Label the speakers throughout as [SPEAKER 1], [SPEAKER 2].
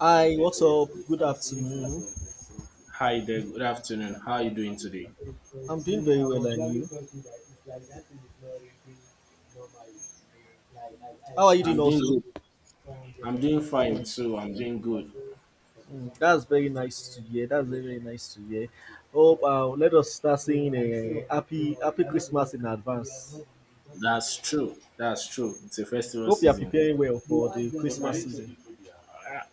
[SPEAKER 1] Hi, what's up? Good afternoon.
[SPEAKER 2] Hi there, good afternoon. How are you doing today?
[SPEAKER 1] I'm doing very well, and you? How are you doing
[SPEAKER 2] I'm doing
[SPEAKER 1] also?
[SPEAKER 2] good. I'm doing fine too. I'm doing good.
[SPEAKER 1] Mm, that's very nice to hear. That's very, very nice to hear. Hope let us start saying a happy Christmas in advance.
[SPEAKER 2] That's true. That's true. It's a festival
[SPEAKER 1] Hope you are
[SPEAKER 2] season.
[SPEAKER 1] preparing well for the Christmas season.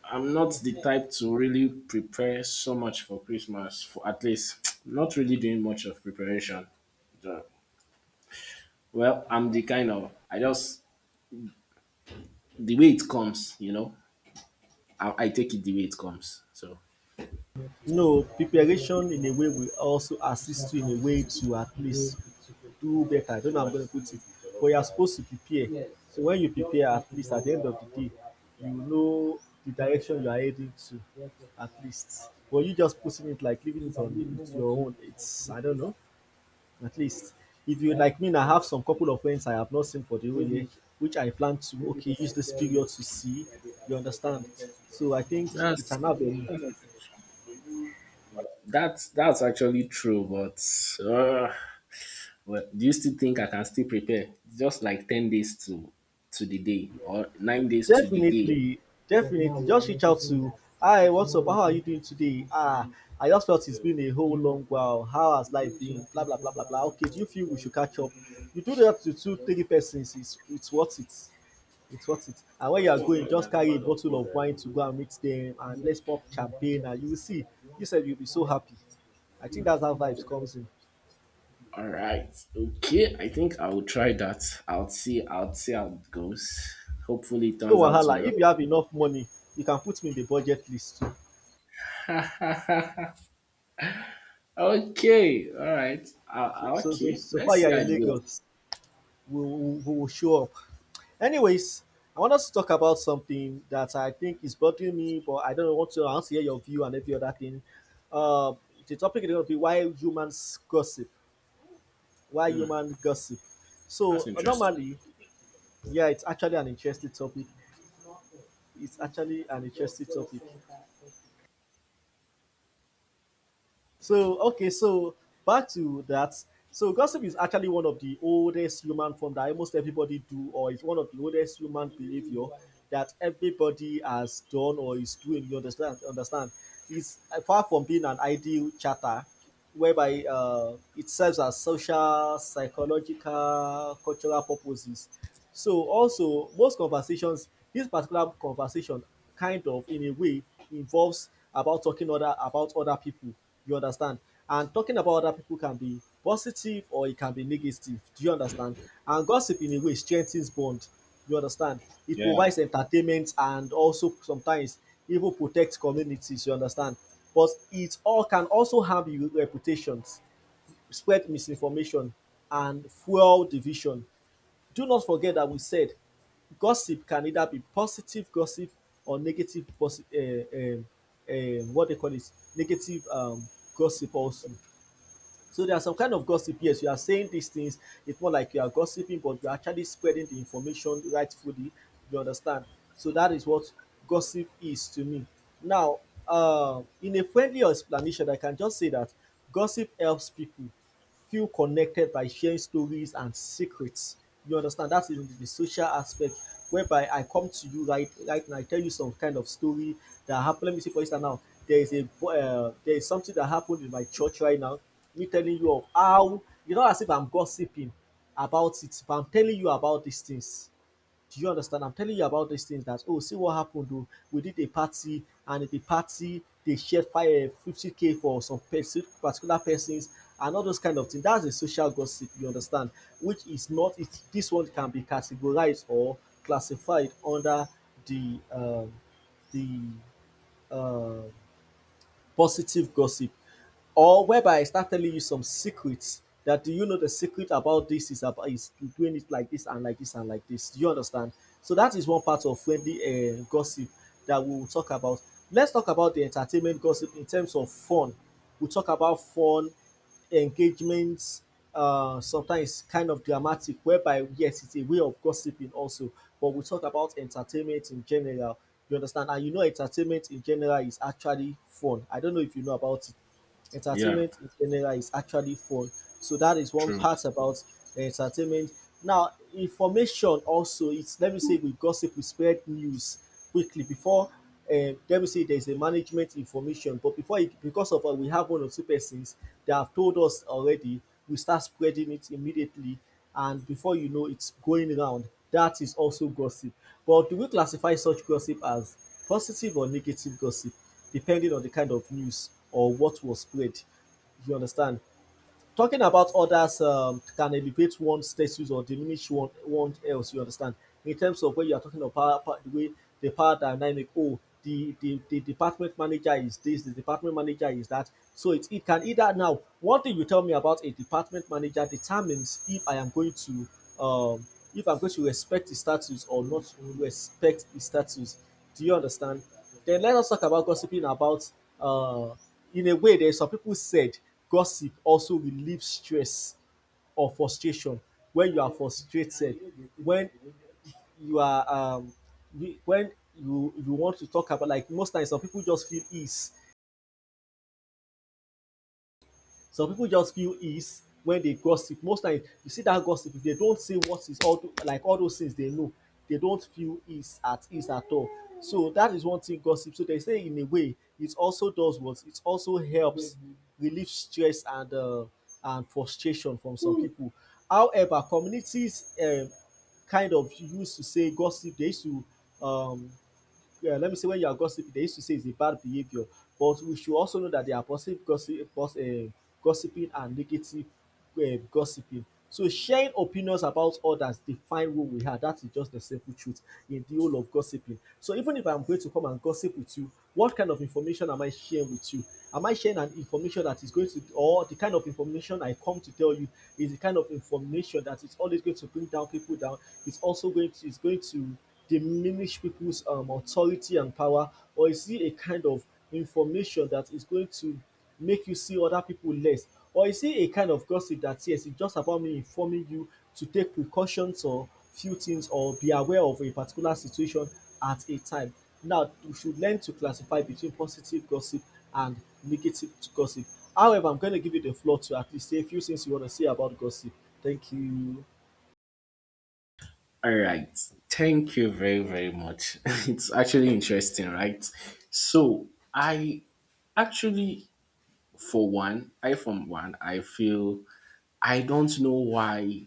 [SPEAKER 2] I'm not the type to really prepare so much for Christmas, for at least not really doing much of preparation. So, well, I'm the kind of I just the way it comes. I take it the way it comes. So
[SPEAKER 1] No, preparation in a way will also assist you in a way to at least do better. I don't know how I'm going to put it, but you are supposed to prepare. So when you prepare, at least at the end of the day, you know the direction you are heading to, at least. But you just putting it like leaving it on it your own, it's I don't know. At least if you like me, I have some couple of friends I have not seen for the whole year, which I plan to okay use this period to see. You understand? So I think it's
[SPEAKER 2] that's
[SPEAKER 1] an avenue.
[SPEAKER 2] that's actually true, but well, do you still think I can still prepare just like 10 days to the day or 9 days to the day?
[SPEAKER 1] Definitely, definitely. Just reach out to, hi, what's up? How are you doing today? Ah, I just felt it's been a whole long while. How has life been? Blah blah blah blah blah. Okay, do you feel we should catch up? You do that to two, three persons, it's worth it. It's worth it. And when you are going, just carry a bottle of wine to go and meet them and let's pop champagne and you will see. You said you'll be so happy. I think that's how vibes comes in.
[SPEAKER 2] All right. Okay, I think I will try that. I'll see how it goes. Hopefully it
[SPEAKER 1] No
[SPEAKER 2] turns out
[SPEAKER 1] wahala.
[SPEAKER 2] well.
[SPEAKER 1] If you have enough money, you can put me in the budget list too.
[SPEAKER 2] Okay. All right.
[SPEAKER 1] So so so
[SPEAKER 2] Okay,
[SPEAKER 1] so far
[SPEAKER 2] let's
[SPEAKER 1] you
[SPEAKER 2] see
[SPEAKER 1] are
[SPEAKER 2] how
[SPEAKER 1] in
[SPEAKER 2] it goes.
[SPEAKER 1] Lagos. We will show up. Anyways, I want us to talk about something that I think is bothering me, but I don't know what to. I want to hear your view and every other thing. Uh, the topic is going to be why humans gossip. Why human gossip?
[SPEAKER 2] That's
[SPEAKER 1] So
[SPEAKER 2] interesting.
[SPEAKER 1] normally, yeah, it's actually an interesting topic. It's actually an interesting topic. So, okay, so back to that. So, gossip is actually one of the oldest human form that almost everybody do, or is one of the oldest human behavior that everybody has done or is doing. You understand? Understand? It's far from being an ideal chatter, whereby it serves as social, psychological, cultural purposes. So also most conversations, this particular conversation, kind of in a way involves about talking other about other people. You understand? And talking about other people can be positive or it can be negative. Do you understand? And gossip in a way strengthens bond. You understand? It
[SPEAKER 2] Yeah.
[SPEAKER 1] provides entertainment and also sometimes even protects communities. You understand? But it all can also harm your reputations, spread misinformation, and fuel division. Do not forget that we said gossip can either be positive gossip or negative positive what they call it negative gossip also. So there are some kind of gossip, yes you are saying these things. It's more like you are gossiping but you're actually spreading the information rightfully. You understand? So that is what gossip is to me now. In a friendly explanation, I can just say that gossip helps people feel connected by sharing stories and secrets. You understand? That is the social aspect whereby I come to you right now, I tell you some kind of story that happened. Let me see for instance now. There is something that happened in my church right now. Me telling you of how as if I'm gossiping about it, but I'm telling you about these things. Do you understand? I'm telling you about these things that oh see what happened though. We did a party and at the party they shared fire 50K for some particular persons and all those kind of things. That's a social gossip, you understand, which is not it, this one can be categorized or classified under the um the uh positive gossip, or whereby I start telling you some secrets that do you know the secret about this is about is doing it like this and like this and like this. Do you understand? So that is one part of friendly gossip that we will talk about. Let's talk about the entertainment gossip in terms of fun. We'll talk about fun engagement, sometimes kind of dramatic whereby yes it's a way of gossiping also, but we talk about entertainment in general. You understand? And you know entertainment in general is actually fun. I don't know if you know about it.
[SPEAKER 2] Yeah.
[SPEAKER 1] Entertainment in general is actually fun. So that is one
[SPEAKER 2] True.
[SPEAKER 1] part about entertainment. Now, information also, it's let me say we gossip, we spread news quickly before let me say there's a management information, but before it because of we have one or two persons that have told us already, we start spreading it immediately, and before you know it's going around. That is also gossip. But do we classify such gossip as positive or negative gossip? Depending on the kind of news or what was spread. You understand? Talking about others can elevate one status or diminish one else. You understand? In terms of when you are talking about the way the power dynamic, oh, the department manager is this, the department manager is that. So it can either now, one thing you tell me about a department manager determines if I am going to, um, if I'm going to respect the status or not respect the status. Do you understand? Then let us talk about gossiping about uh, in a way that some people said gossip also relieves stress or frustration when you are frustrated, when you are um, when you want to talk about, like, most times some people just feel ease. Some people just feel ease when they gossip. Most times, you see that gossip, if they don't say what is all, like all those things they know, they don't feel ease at all. So that is one thing gossip. So they say in a way, it also does what, it also helps, mm-hmm, relieve stress and frustration from some people. However, communities kind of used to say gossip. They used to um, yeah, let me say when you are gossiping. They used to say it's a bad behavior, but we should also know that there are positive gossip, gossiping, and negative gossiping. So sharing opinions about others define who we are. That is just the simple truth in the whole of gossiping. So even if I'm going to come and gossip with you, what kind of information am I sharing with you? Am I sharing an information that is going to, or the kind of information I come to tell you is the kind of information that is always going to bring down people down? It's going to diminish people's authority and power, or is he a kind of information that is going to make you see other people less, or is he a kind of gossip that, yes, it's just about me informing you to take precautions or few things or be aware of a particular situation at a time? Now, you should learn to classify between positive gossip and negative gossip. However, I'm going to give you the floor to at least say a few things you want to say about gossip. Thank you.
[SPEAKER 2] All right. Thank you very, very much. It's actually interesting, right? So I actually for one, I feel I don't know why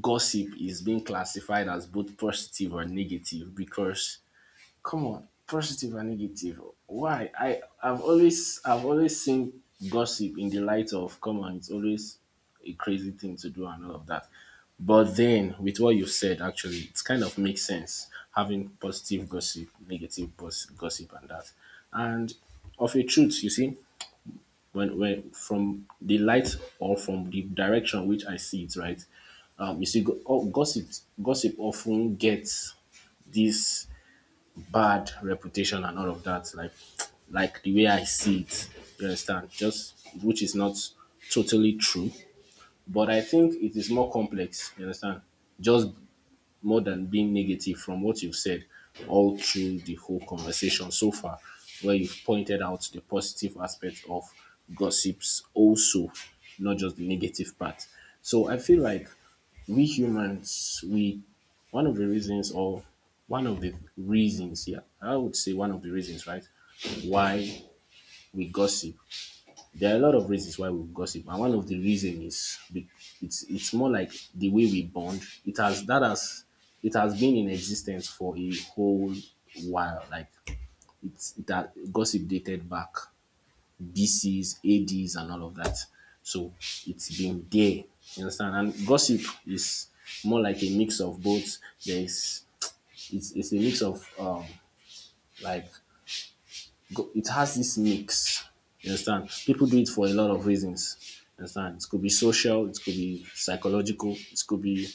[SPEAKER 2] gossip is being classified as both positive or negative because come on, positive and negative. Why? I've always seen gossip in the light of come on, it's always a crazy thing to do and all of that. But then with what you've said actually it kind of makes sense having positive gossip, gossip and that. And of a truth, you see, when from the light or from the direction which I see it, right? You see, gossip often gets this bad reputation and all of that, like the way I see it. You understand? Just which is not totally true, but I think it is more complex. You understand? Just more than being negative from what you've said all through the whole conversation so far, where you've pointed out the positive aspect of gossips also, not just the negative part. So I feel like we humans, we one of the reasons or one of the reasons, yeah, I would say one of the reasons, right, why we gossip, there are a lot of reasons why we gossip, and one of the reason is it's more like the way we bond. It has been in existence for a whole while. Like it's it that gossip dated back BCs, ADs, and all of that. So it's been there. You understand? And gossip is more like a mix of both. There is it's a mix of like it has this mix. You understand? People do it for a lot of reasons. You understand? It could be social, it could be psychological, it could be,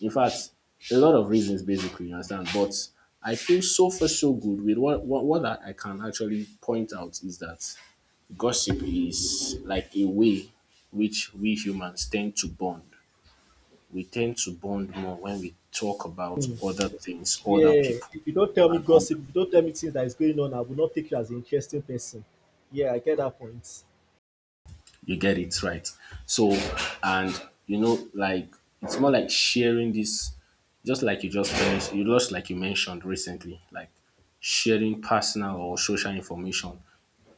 [SPEAKER 2] in fact, a lot of reasons basically. You understand? But I feel so far so good with what I can actually point out is that gossip is like a way which we humans tend to bond. We tend to bond more when we talk about other things, other
[SPEAKER 1] Yeah,
[SPEAKER 2] people,
[SPEAKER 1] if you don't tell me
[SPEAKER 2] and all that.
[SPEAKER 1] gossip, if you don't tell me things that is going on, I will not take you as an interesting person. Yeah, I get that point.
[SPEAKER 2] You get it right. So, and you know, like it's more like sharing this, just like you just finished, you just like you mentioned recently, like sharing personal or social information,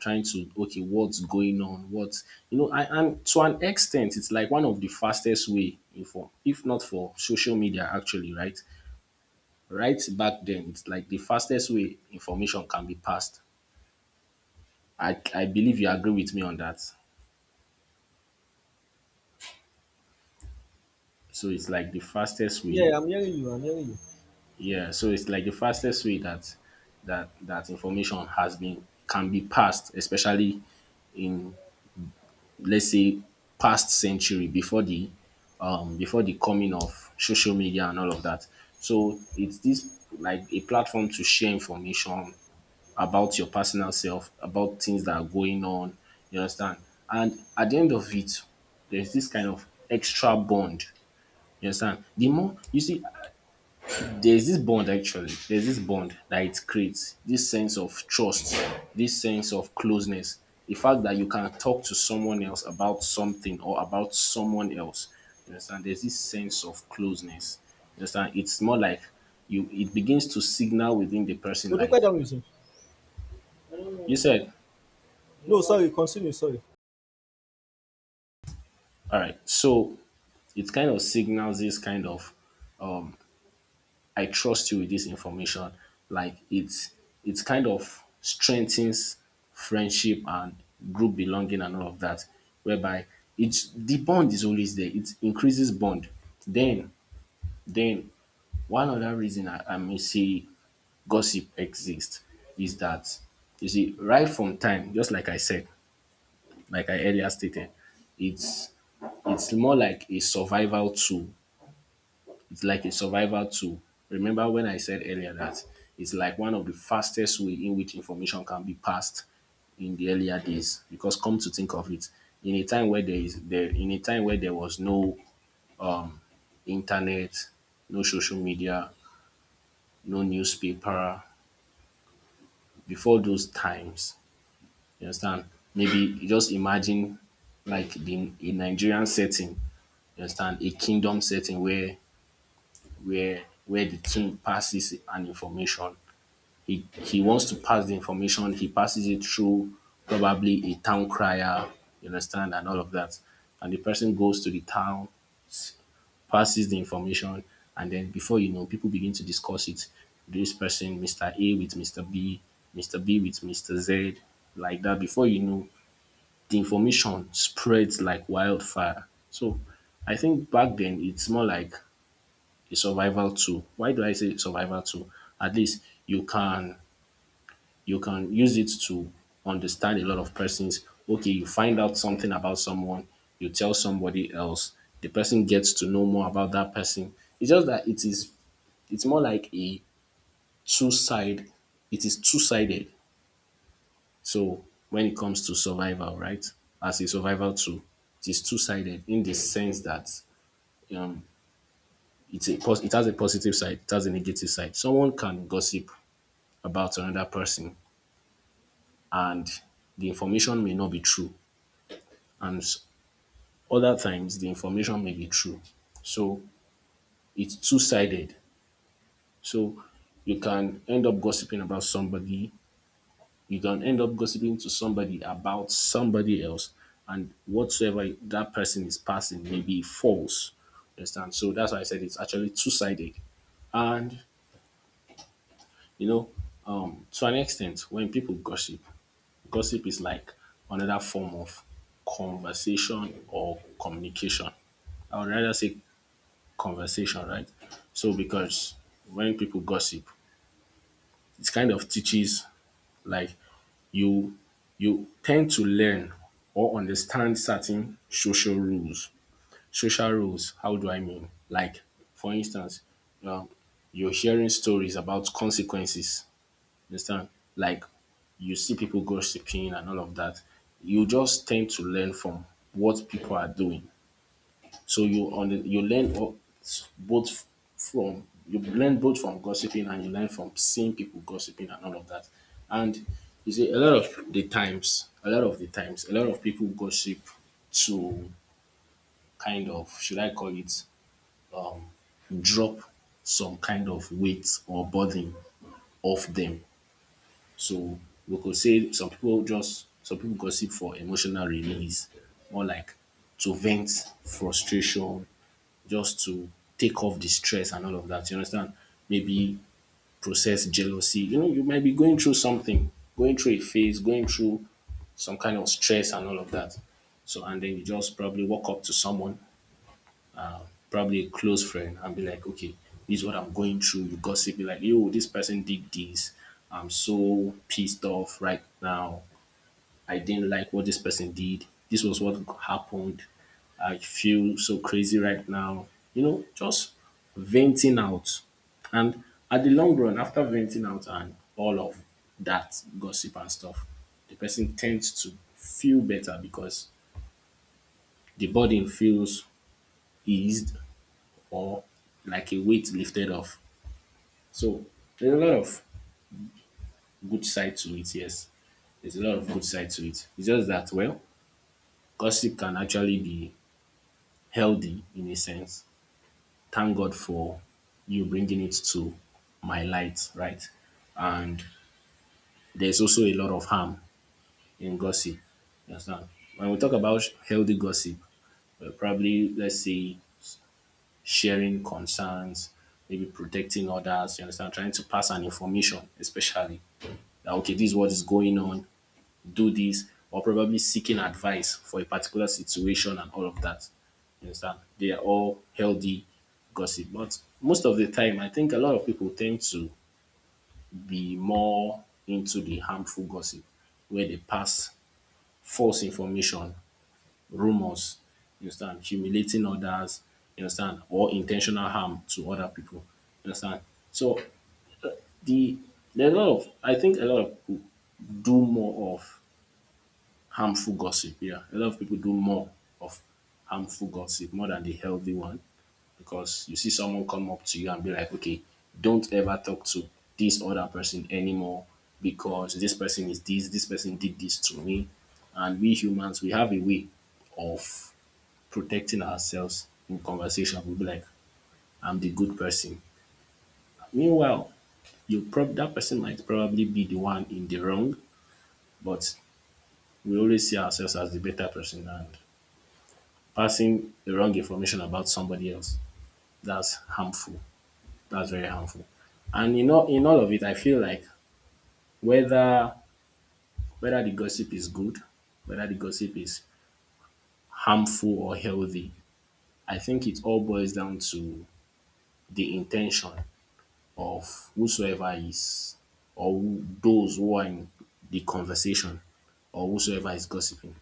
[SPEAKER 2] trying to okay, what's going on, what's you know, I and to an extent, it's like one of the fastest way for, if not for social media, actually, right? Right back then, it's like the fastest way information can be passed. I believe you agree with me on that. So it's like the fastest way.
[SPEAKER 1] Yeah, I'm hearing you. I'm hearing you.
[SPEAKER 2] Yeah, so it's like the fastest way that that information has been can be passed, especially in let's say past century before the coming of social media and all of that. So it's this like a platform to share information about your personal self, about things that are going on, you understand? And at the end of it, there's this kind of extra bond. You understand? The more you see, there's this bond actually, there's this bond that it creates, this sense of trust, this sense of closeness, the fact that you can talk to someone else about something or about someone else. You understand? There's this sense of closeness. You understand? It's more like you it begins to signal within the person like
[SPEAKER 1] Odukwe don't resume.
[SPEAKER 2] you said,
[SPEAKER 1] No, sorry. Continue. Sorry.
[SPEAKER 2] all right, so it kind of signals this kind of um, I trust you with this information. Like it's kind of strengthens friendship and group belonging and all of that. Whereby it's the bond is always there. It increases bond. Then then one other reason I may say gossip exists is that you see right from time, just like I said, like I earlier stated, it's it's more like a survival tool, it's like a survival tool. Remember when I said earlier that it's like one of the fastest way in which information can be passed in the earlier days. Because come to think of it, in a time where there was no internet, no social media, no newspaper, before those times, you understand? Maybe you just imagine like the a Nigerian setting, you understand, a kingdom setting where where the king passes an information, he wants to pass the information. He passes it through probably a town crier, you understand, and all of that. And the person goes to the town, s- passes the information, and then before you know, people begin to discuss it. This person, Mr. A with Mr. B, Mr. B with Mr. Z, like that. Before you know, the information spreads like wildfire. So I think back then it's more like a survival tool. Why do I say survival tool? At least you can use it to understand a lot of persons. Okay, you find out something about someone, you tell somebody else, the person gets to know more about that person. It's just that it's more like a two side it is two sided. So when it comes to survival, right? As a survival tool, it is two sided in the sense that um it has a positive side, it has a negative side. Someone can gossip about another person and the information may not be true and s- other times the information may be true. So it's two sided. So you can end up gossiping about somebody. You can end up gossiping to somebody about somebody else, and whatsoever that person is passing may be false. Understand? So that's why I said it's actually two sided. And you know, to an extent, when people gossip, gossip is like another form of conversation or communication. I would rather say conversation, right? So because when people gossip, it kind of teaches like you you tend to learn or understand certain social rules. Social rules, how do I mean? Like, for instance, um, you're hearing stories about consequences. You understand? Like you see people gossiping and all of that. You just tend to learn from what people are doing. So you learn o- both from you learn both from gossiping and you learn from seeing people gossiping and all of that. And you see a lot of the times, a lot of people gossip to kind of should I call it drop some kind of weight or burden off them. So we could say some people gossip for emotional release, more like to vent frustration, just to take off the stress and all of that. You understand? Maybe process jealousy. You know, you might be going through something, going through a phase, going through some kind of stress and all of that. So, and then you just probably walk up to someone, probably a close friend, and be like, okay, this is what I'm going through. You gossip, be like, yo, this person did this. I'm so pissed off right now. I didn't like what this person did. This was what happened. I feel so crazy right now. You know, just venting out. And at the long run, after venting out and all of that gossip and stuff, the person tends to feel better because the burden feels eased or like a weight lifted off. So there's a lot of good side to it, yes. There's a lot of good side to it. It's just that, well, gossip can actually be healthy in a sense. Thank God for you bringing it to my light, right? And there's also a lot of harm in gossip. You understand? When we talk about healthy gossip, we're probably, let's say, sharing concerns, maybe protecting others, you understand? Trying to pass an information, especially that, okay, this is what is going on. Do this or probably seeking advice for a particular situation and all of that. You understand? They are all healthy gossip. But most of the time, I think a lot of people tend to be more into the harmful gossip where they pass false information, rumors, you understand, humiliating others, you understand, or intentional harm to other people. You understand? So the there are a lot of I think a lot of people do more of harmful gossip, yeah. A lot of people do more of harmful gossip more than the healthy one, because you see someone come up to you and be like, okay, don't ever talk to this other person anymore because this person is this, this person did this to me. And we humans, we have a way of protecting ourselves in conversation. We'll be like, I'm the good person. Meanwhile, that person might probably be the one in the wrong, but we always see ourselves as the better person. And passing the wrong information about somebody else. That's harmful. That's very harmful. And in all of it, I feel like whether whether the gossip is good, whether the gossip is harmful or healthy, I think it all boils down to the intention of whosoever is those who are in the conversation, or whosoever is gossiping.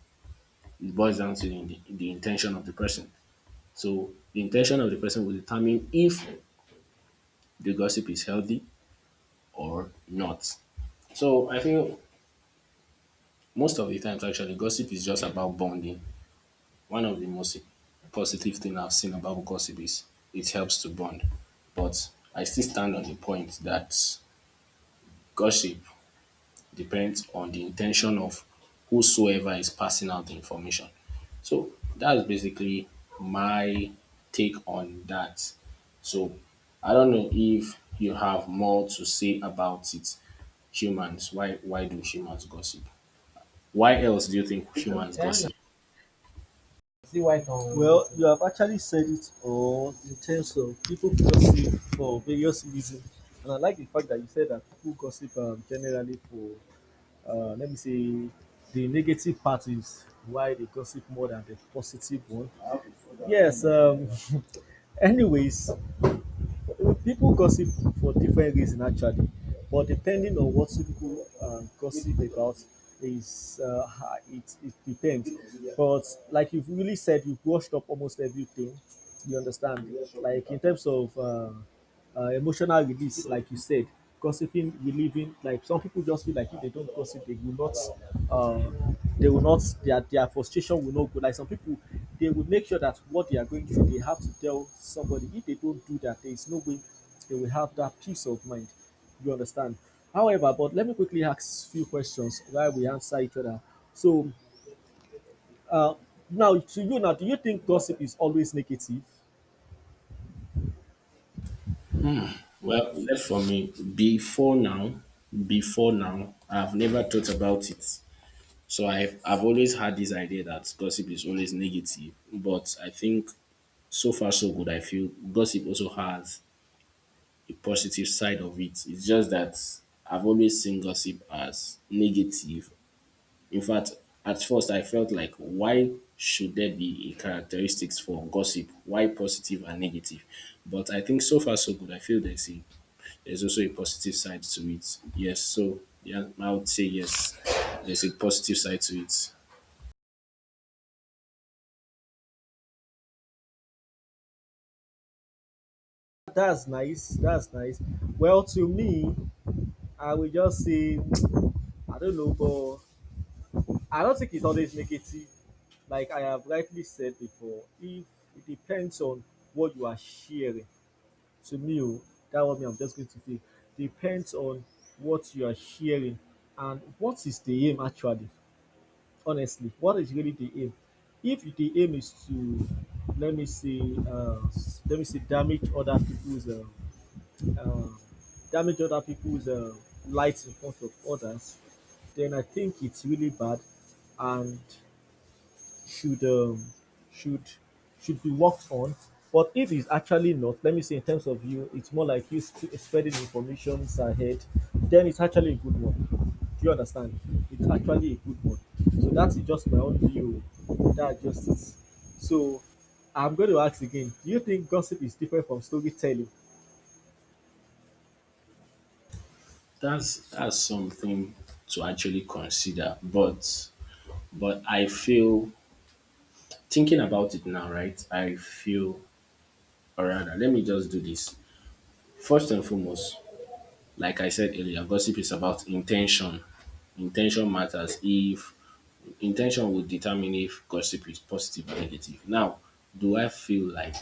[SPEAKER 2] It boils down to the intention of the person. So the intention of the person will determine if the gossip is healthy or not. So I feel most of the times actually gossip is just about bonding. One of the most positive thing I've seen about gossip is it helps to bond. But I still stand on the point that gossip depends on the intention of whosoever is passing out the information. So that's basically my take on that. So I don't know if you have more to say about it. Humans, why do humans gossip? Why else do you think humans gossip?
[SPEAKER 1] Well, you have actually said it all in terms of people gossip for various reasons, and I like the fact that you said that people gossip generally for, let me say, the negative part is why they gossip more than the positive one. Yes. Anyways, people gossip for different reasons actually, but depending on what people gossip about is it depends. But like you've really said, you've washed up almost everything. You understand? Like in terms of emotional release, like you said, gossiping, relieving. Like some people just feel like if they don't gossip, uh, they will not, their frustration will not go. Like some people, they will make sure that what they are going through, they have to tell somebody. If they don't do that, there is no way they will have that peace of mind. You understand? However, but let me quickly ask few questions while we answer each other. So now to you now, do you think gossip is always negative?
[SPEAKER 2] Well, left for me, before now, I've never thought about it. So I've always had this idea that gossip is always negative. But I think so far so good. I feel gossip also has a positive side of it. It's just that I've always seen gossip as negative. In fact, at first I felt like why should there be a characteristics for gossip? Why positive and negative? But I think so far so good. I feel there's also a positive side to it. Yes, so yeah, I would say yes. There's a positive side to it.
[SPEAKER 1] That's nice. That's nice. Well, to me, I will just say, I don't know, but I don't think it's always negative. Like I have rightly said before, if it depends on what you are sharing. To me, oh, that one me, I'm just going to say, depends on what you are sharing and what is the aim actually. Honestly, what is really the aim? If the aim is to let me see, uh, damage other people's. Um, damage other people's lights in front of others, then I think it's really bad and should um, should should be worked on. But if it's actually not, let me say in terms of you, it's more like you spreading information ahead, then it's actually a good one. Do you understand? It's actually a good one. So that's just my own view. That just it. So I'm going to ask again. Do you think gossip is different from storytelling?
[SPEAKER 2] That's something to actually consider. But I feel, thinking about it now, right? I feel, or rather, let me just do this. First and foremost, like I said earlier, gossip is about intention. Intention matters. If Intention will determine if gossip is positive or negative. Now, do I feel like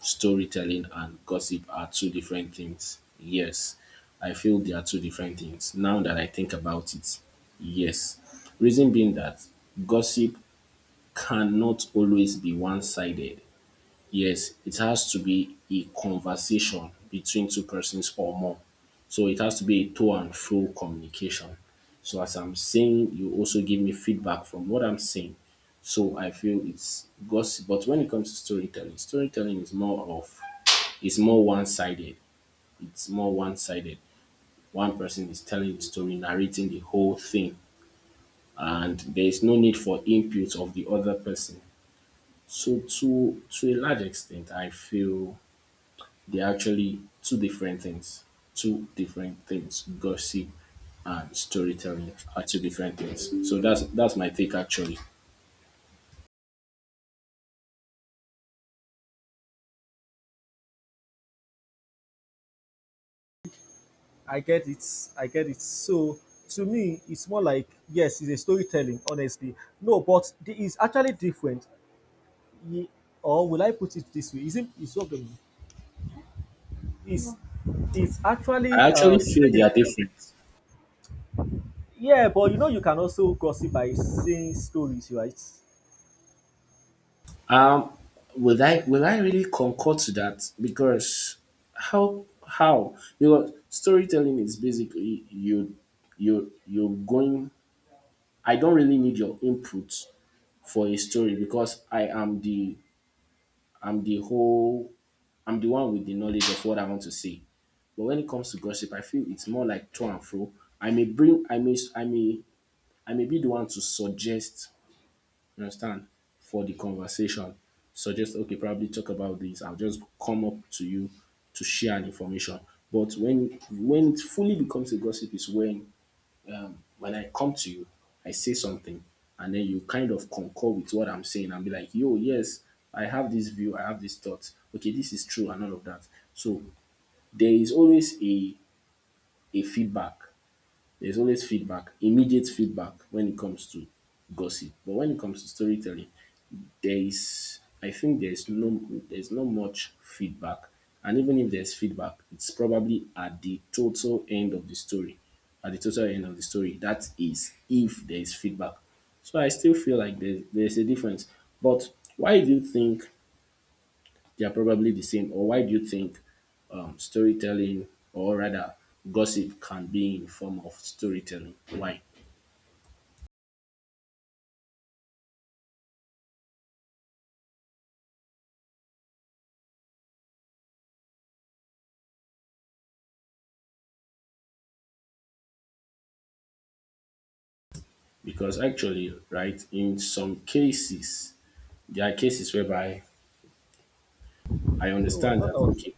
[SPEAKER 2] storytelling and gossip are two different things? Yes. I feel they are two different things. Now that I think about it, yes. Reason being that gossip cannot always be one sided. Yes, it has to be a conversation between two persons or more. So it has to be a to and fro communication. So as I'm saying, you also give me feedback from what I'm saying. So I feel it's gossip. But when it comes to storytelling, storytelling is more of it's more one-sided. It's more one-sided. One person is telling the story, narrating the whole thing, and there is no need for input of the other person. So to a large extent, I feel they're actually two different things. Two different things. Gossip and storytelling are two different things. So that's my take actually.
[SPEAKER 1] I get it. I get it. So to me, it's more like yes, it's a storytelling. Honestly, no, but it's actually different. Ye- Or will I put it this way? Isn't it's not the it's it's
[SPEAKER 2] I
[SPEAKER 1] actually
[SPEAKER 2] actually feel they are different.
[SPEAKER 1] yeah, but you know you can also gossip by saying stories, right?
[SPEAKER 2] Um, will I really concord to that? Because how because storytelling is basically you're going. I don't really need your input for a story because I'm the whole I'm the one with the knowledge of what I want to say. But when it comes to gossip, I feel it's more like to and fro. I may bring, I may, I may, I may be the one to suggest, you understand, for the conversation. Suggest, okay, probably talk about this. I'll just come up to you to share an information. But when it fully becomes a gossip is when I come to you, I say something, and then you kind of concur with what I'm saying and be like, yo, yes, I have this view, I have this thought. Okay, this is true, and all of that. So there is always a feedback. There's always feedback, immediate feedback when it comes to gossip. But when it comes to storytelling, there is I think there's there's not much feedback. And even if there's feedback, it's probably at the total end of the story. At the total end of the story. That is if there is feedback. So I still feel like there's a difference. But why do you think they are probably the same? Or why do you think storytelling, or rather gossip, can be in form of storytelling? Why? Because actually, right, in some cases, there are cases whereby I
[SPEAKER 1] Oh, I
[SPEAKER 2] understand
[SPEAKER 1] thought
[SPEAKER 2] that
[SPEAKER 1] I was.
[SPEAKER 2] okay,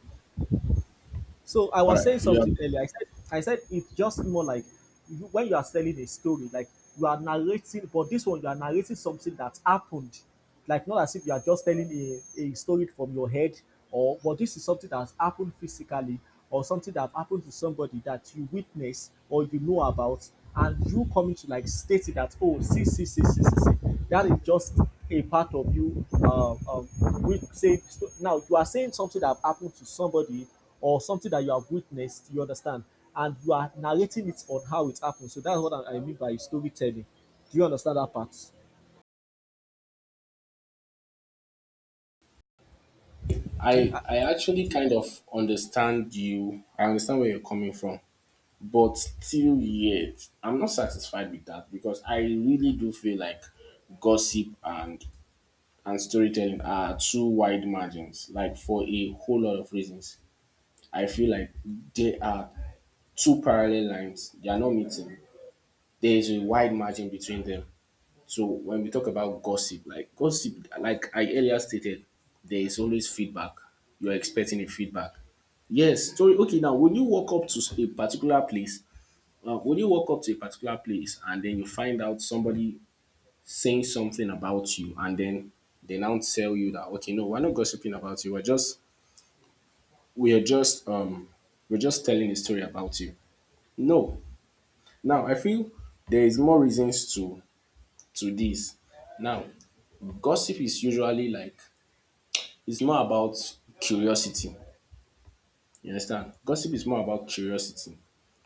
[SPEAKER 1] So I
[SPEAKER 2] all
[SPEAKER 1] was
[SPEAKER 2] right,
[SPEAKER 1] saying
[SPEAKER 2] you have,
[SPEAKER 1] something earlier. I said it's just more like, you, when you are telling a story, like you are narrating, but this one you are narrating something that happened. Like not as if you are just telling a story from your head, or but this is something that has happened physically or something that happened to somebody that you witness or you know about, and you coming to like state it that oh, see see see see see see, that is just a part of you. We say now you are saying something that happened to somebody or something that you have witnessed. You understand, and you are narrating it on how it happened. So that's what I mean by storytelling. Do you understand that part? Do you, uh,
[SPEAKER 2] I actually kind of understand you. I understand where you're coming from, but still yet, I'm not satisfied with that because I really do feel like gossip and storytelling are two wide margins, like for a whole lot of reasons. I feel like they are two parallel lines, they are not meeting. There is a wide margin between them. So when we talk about gossip, like I earlier stated, there is always feedback. You're expecting a feedback. Yes, sorry. Okay, now when you walk up to a particular place, when you walk up to a particular place and then you find out somebody saying something about you, and then they now tell you that okay, no, we're not gossiping about you. We're just um we're just telling a story about you. No. Now I feel there is more reasons to this. Now, gossip is usually like it's more about curiosity. You understand? Gossip is more about curiosity.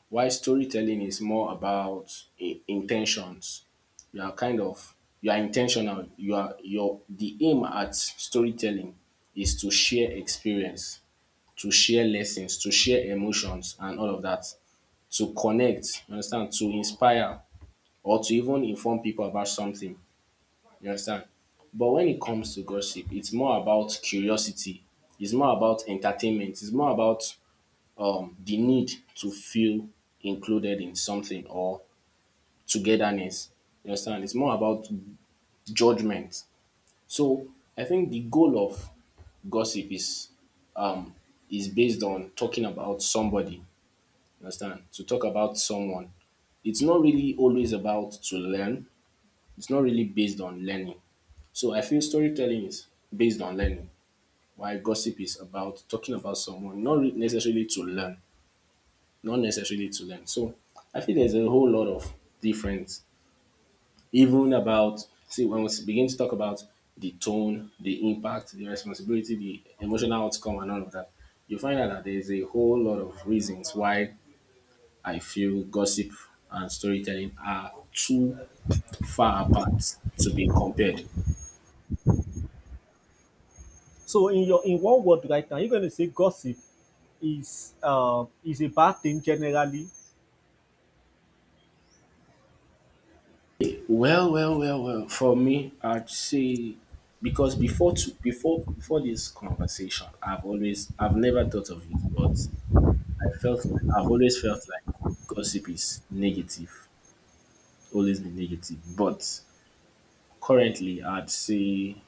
[SPEAKER 2] While storytelling is more about intentions. You are kind of you are intentional. You are your The aim at storytelling is to share experience, to share lessons, to share emotions and all of that. To connect, you understand, to inspire or to even inform people about something. You understand? But when it comes to gossip, it's more about curiosity. It's more about entertainment. It's more about the need to feel included in something, or togetherness. You understand? It's more about judgment. So I think the goal of gossip um is based on talking about somebody. You understand? To talk about someone. It's not really always about to learn. It's not really based on learning. So I feel storytelling is based on learning, while gossip is about talking about someone, not re- necessarily to learn, not necessarily to learn. So I feel there's a whole lot of difference even about, see, when we begin to talk about the tone, the impact, the responsibility, the emotional outcome, and all of that, you find out that there's a whole lot of reasons why I feel gossip and storytelling are too far apart to be compared.
[SPEAKER 1] so in one word right now, you're going to say gossip is a bad thing generally.
[SPEAKER 2] Well, well, well, well. For me, I'd say, because before this conversation, I've never thought of it, but I felt like, I've always felt like gossip is negative, always be negative. But currently, I'd say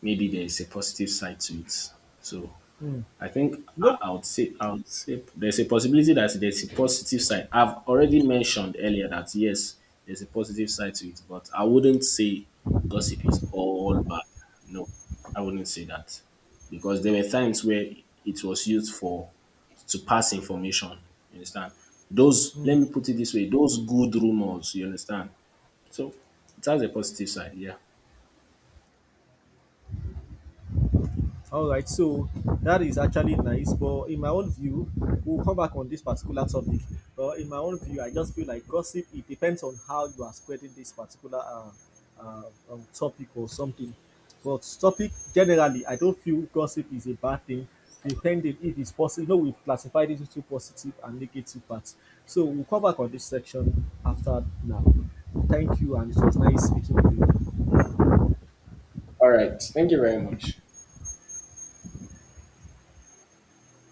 [SPEAKER 2] maybe there's a positive side to it. So
[SPEAKER 1] Mm.
[SPEAKER 2] I think
[SPEAKER 1] No.
[SPEAKER 2] I would say there's a possibility that there's a positive side. I've already mentioned earlier that yes, there's a positive side to it, but I wouldn't say gossip is all bad. No, I wouldn't say that, because there were times where it was used for to pass information. You understand? Those, let
[SPEAKER 1] Mm.
[SPEAKER 2] me put it this way: those good rumors. You understand? So that's a positive side. Yeah.
[SPEAKER 1] All right, so that is actually nice, but in my own view, we'll come back on this particular topic. But in my own view, I just feel like gossip. It depends on how you are spreading this particular uh, topic or something. But topic generally, I don't feel gossip is a bad thing. Depending if it's possible, we've classified it into positive and negative parts. So we'll come back on this section after now. Thank you, and it was nice speaking with you.
[SPEAKER 2] All right. Thank you very much.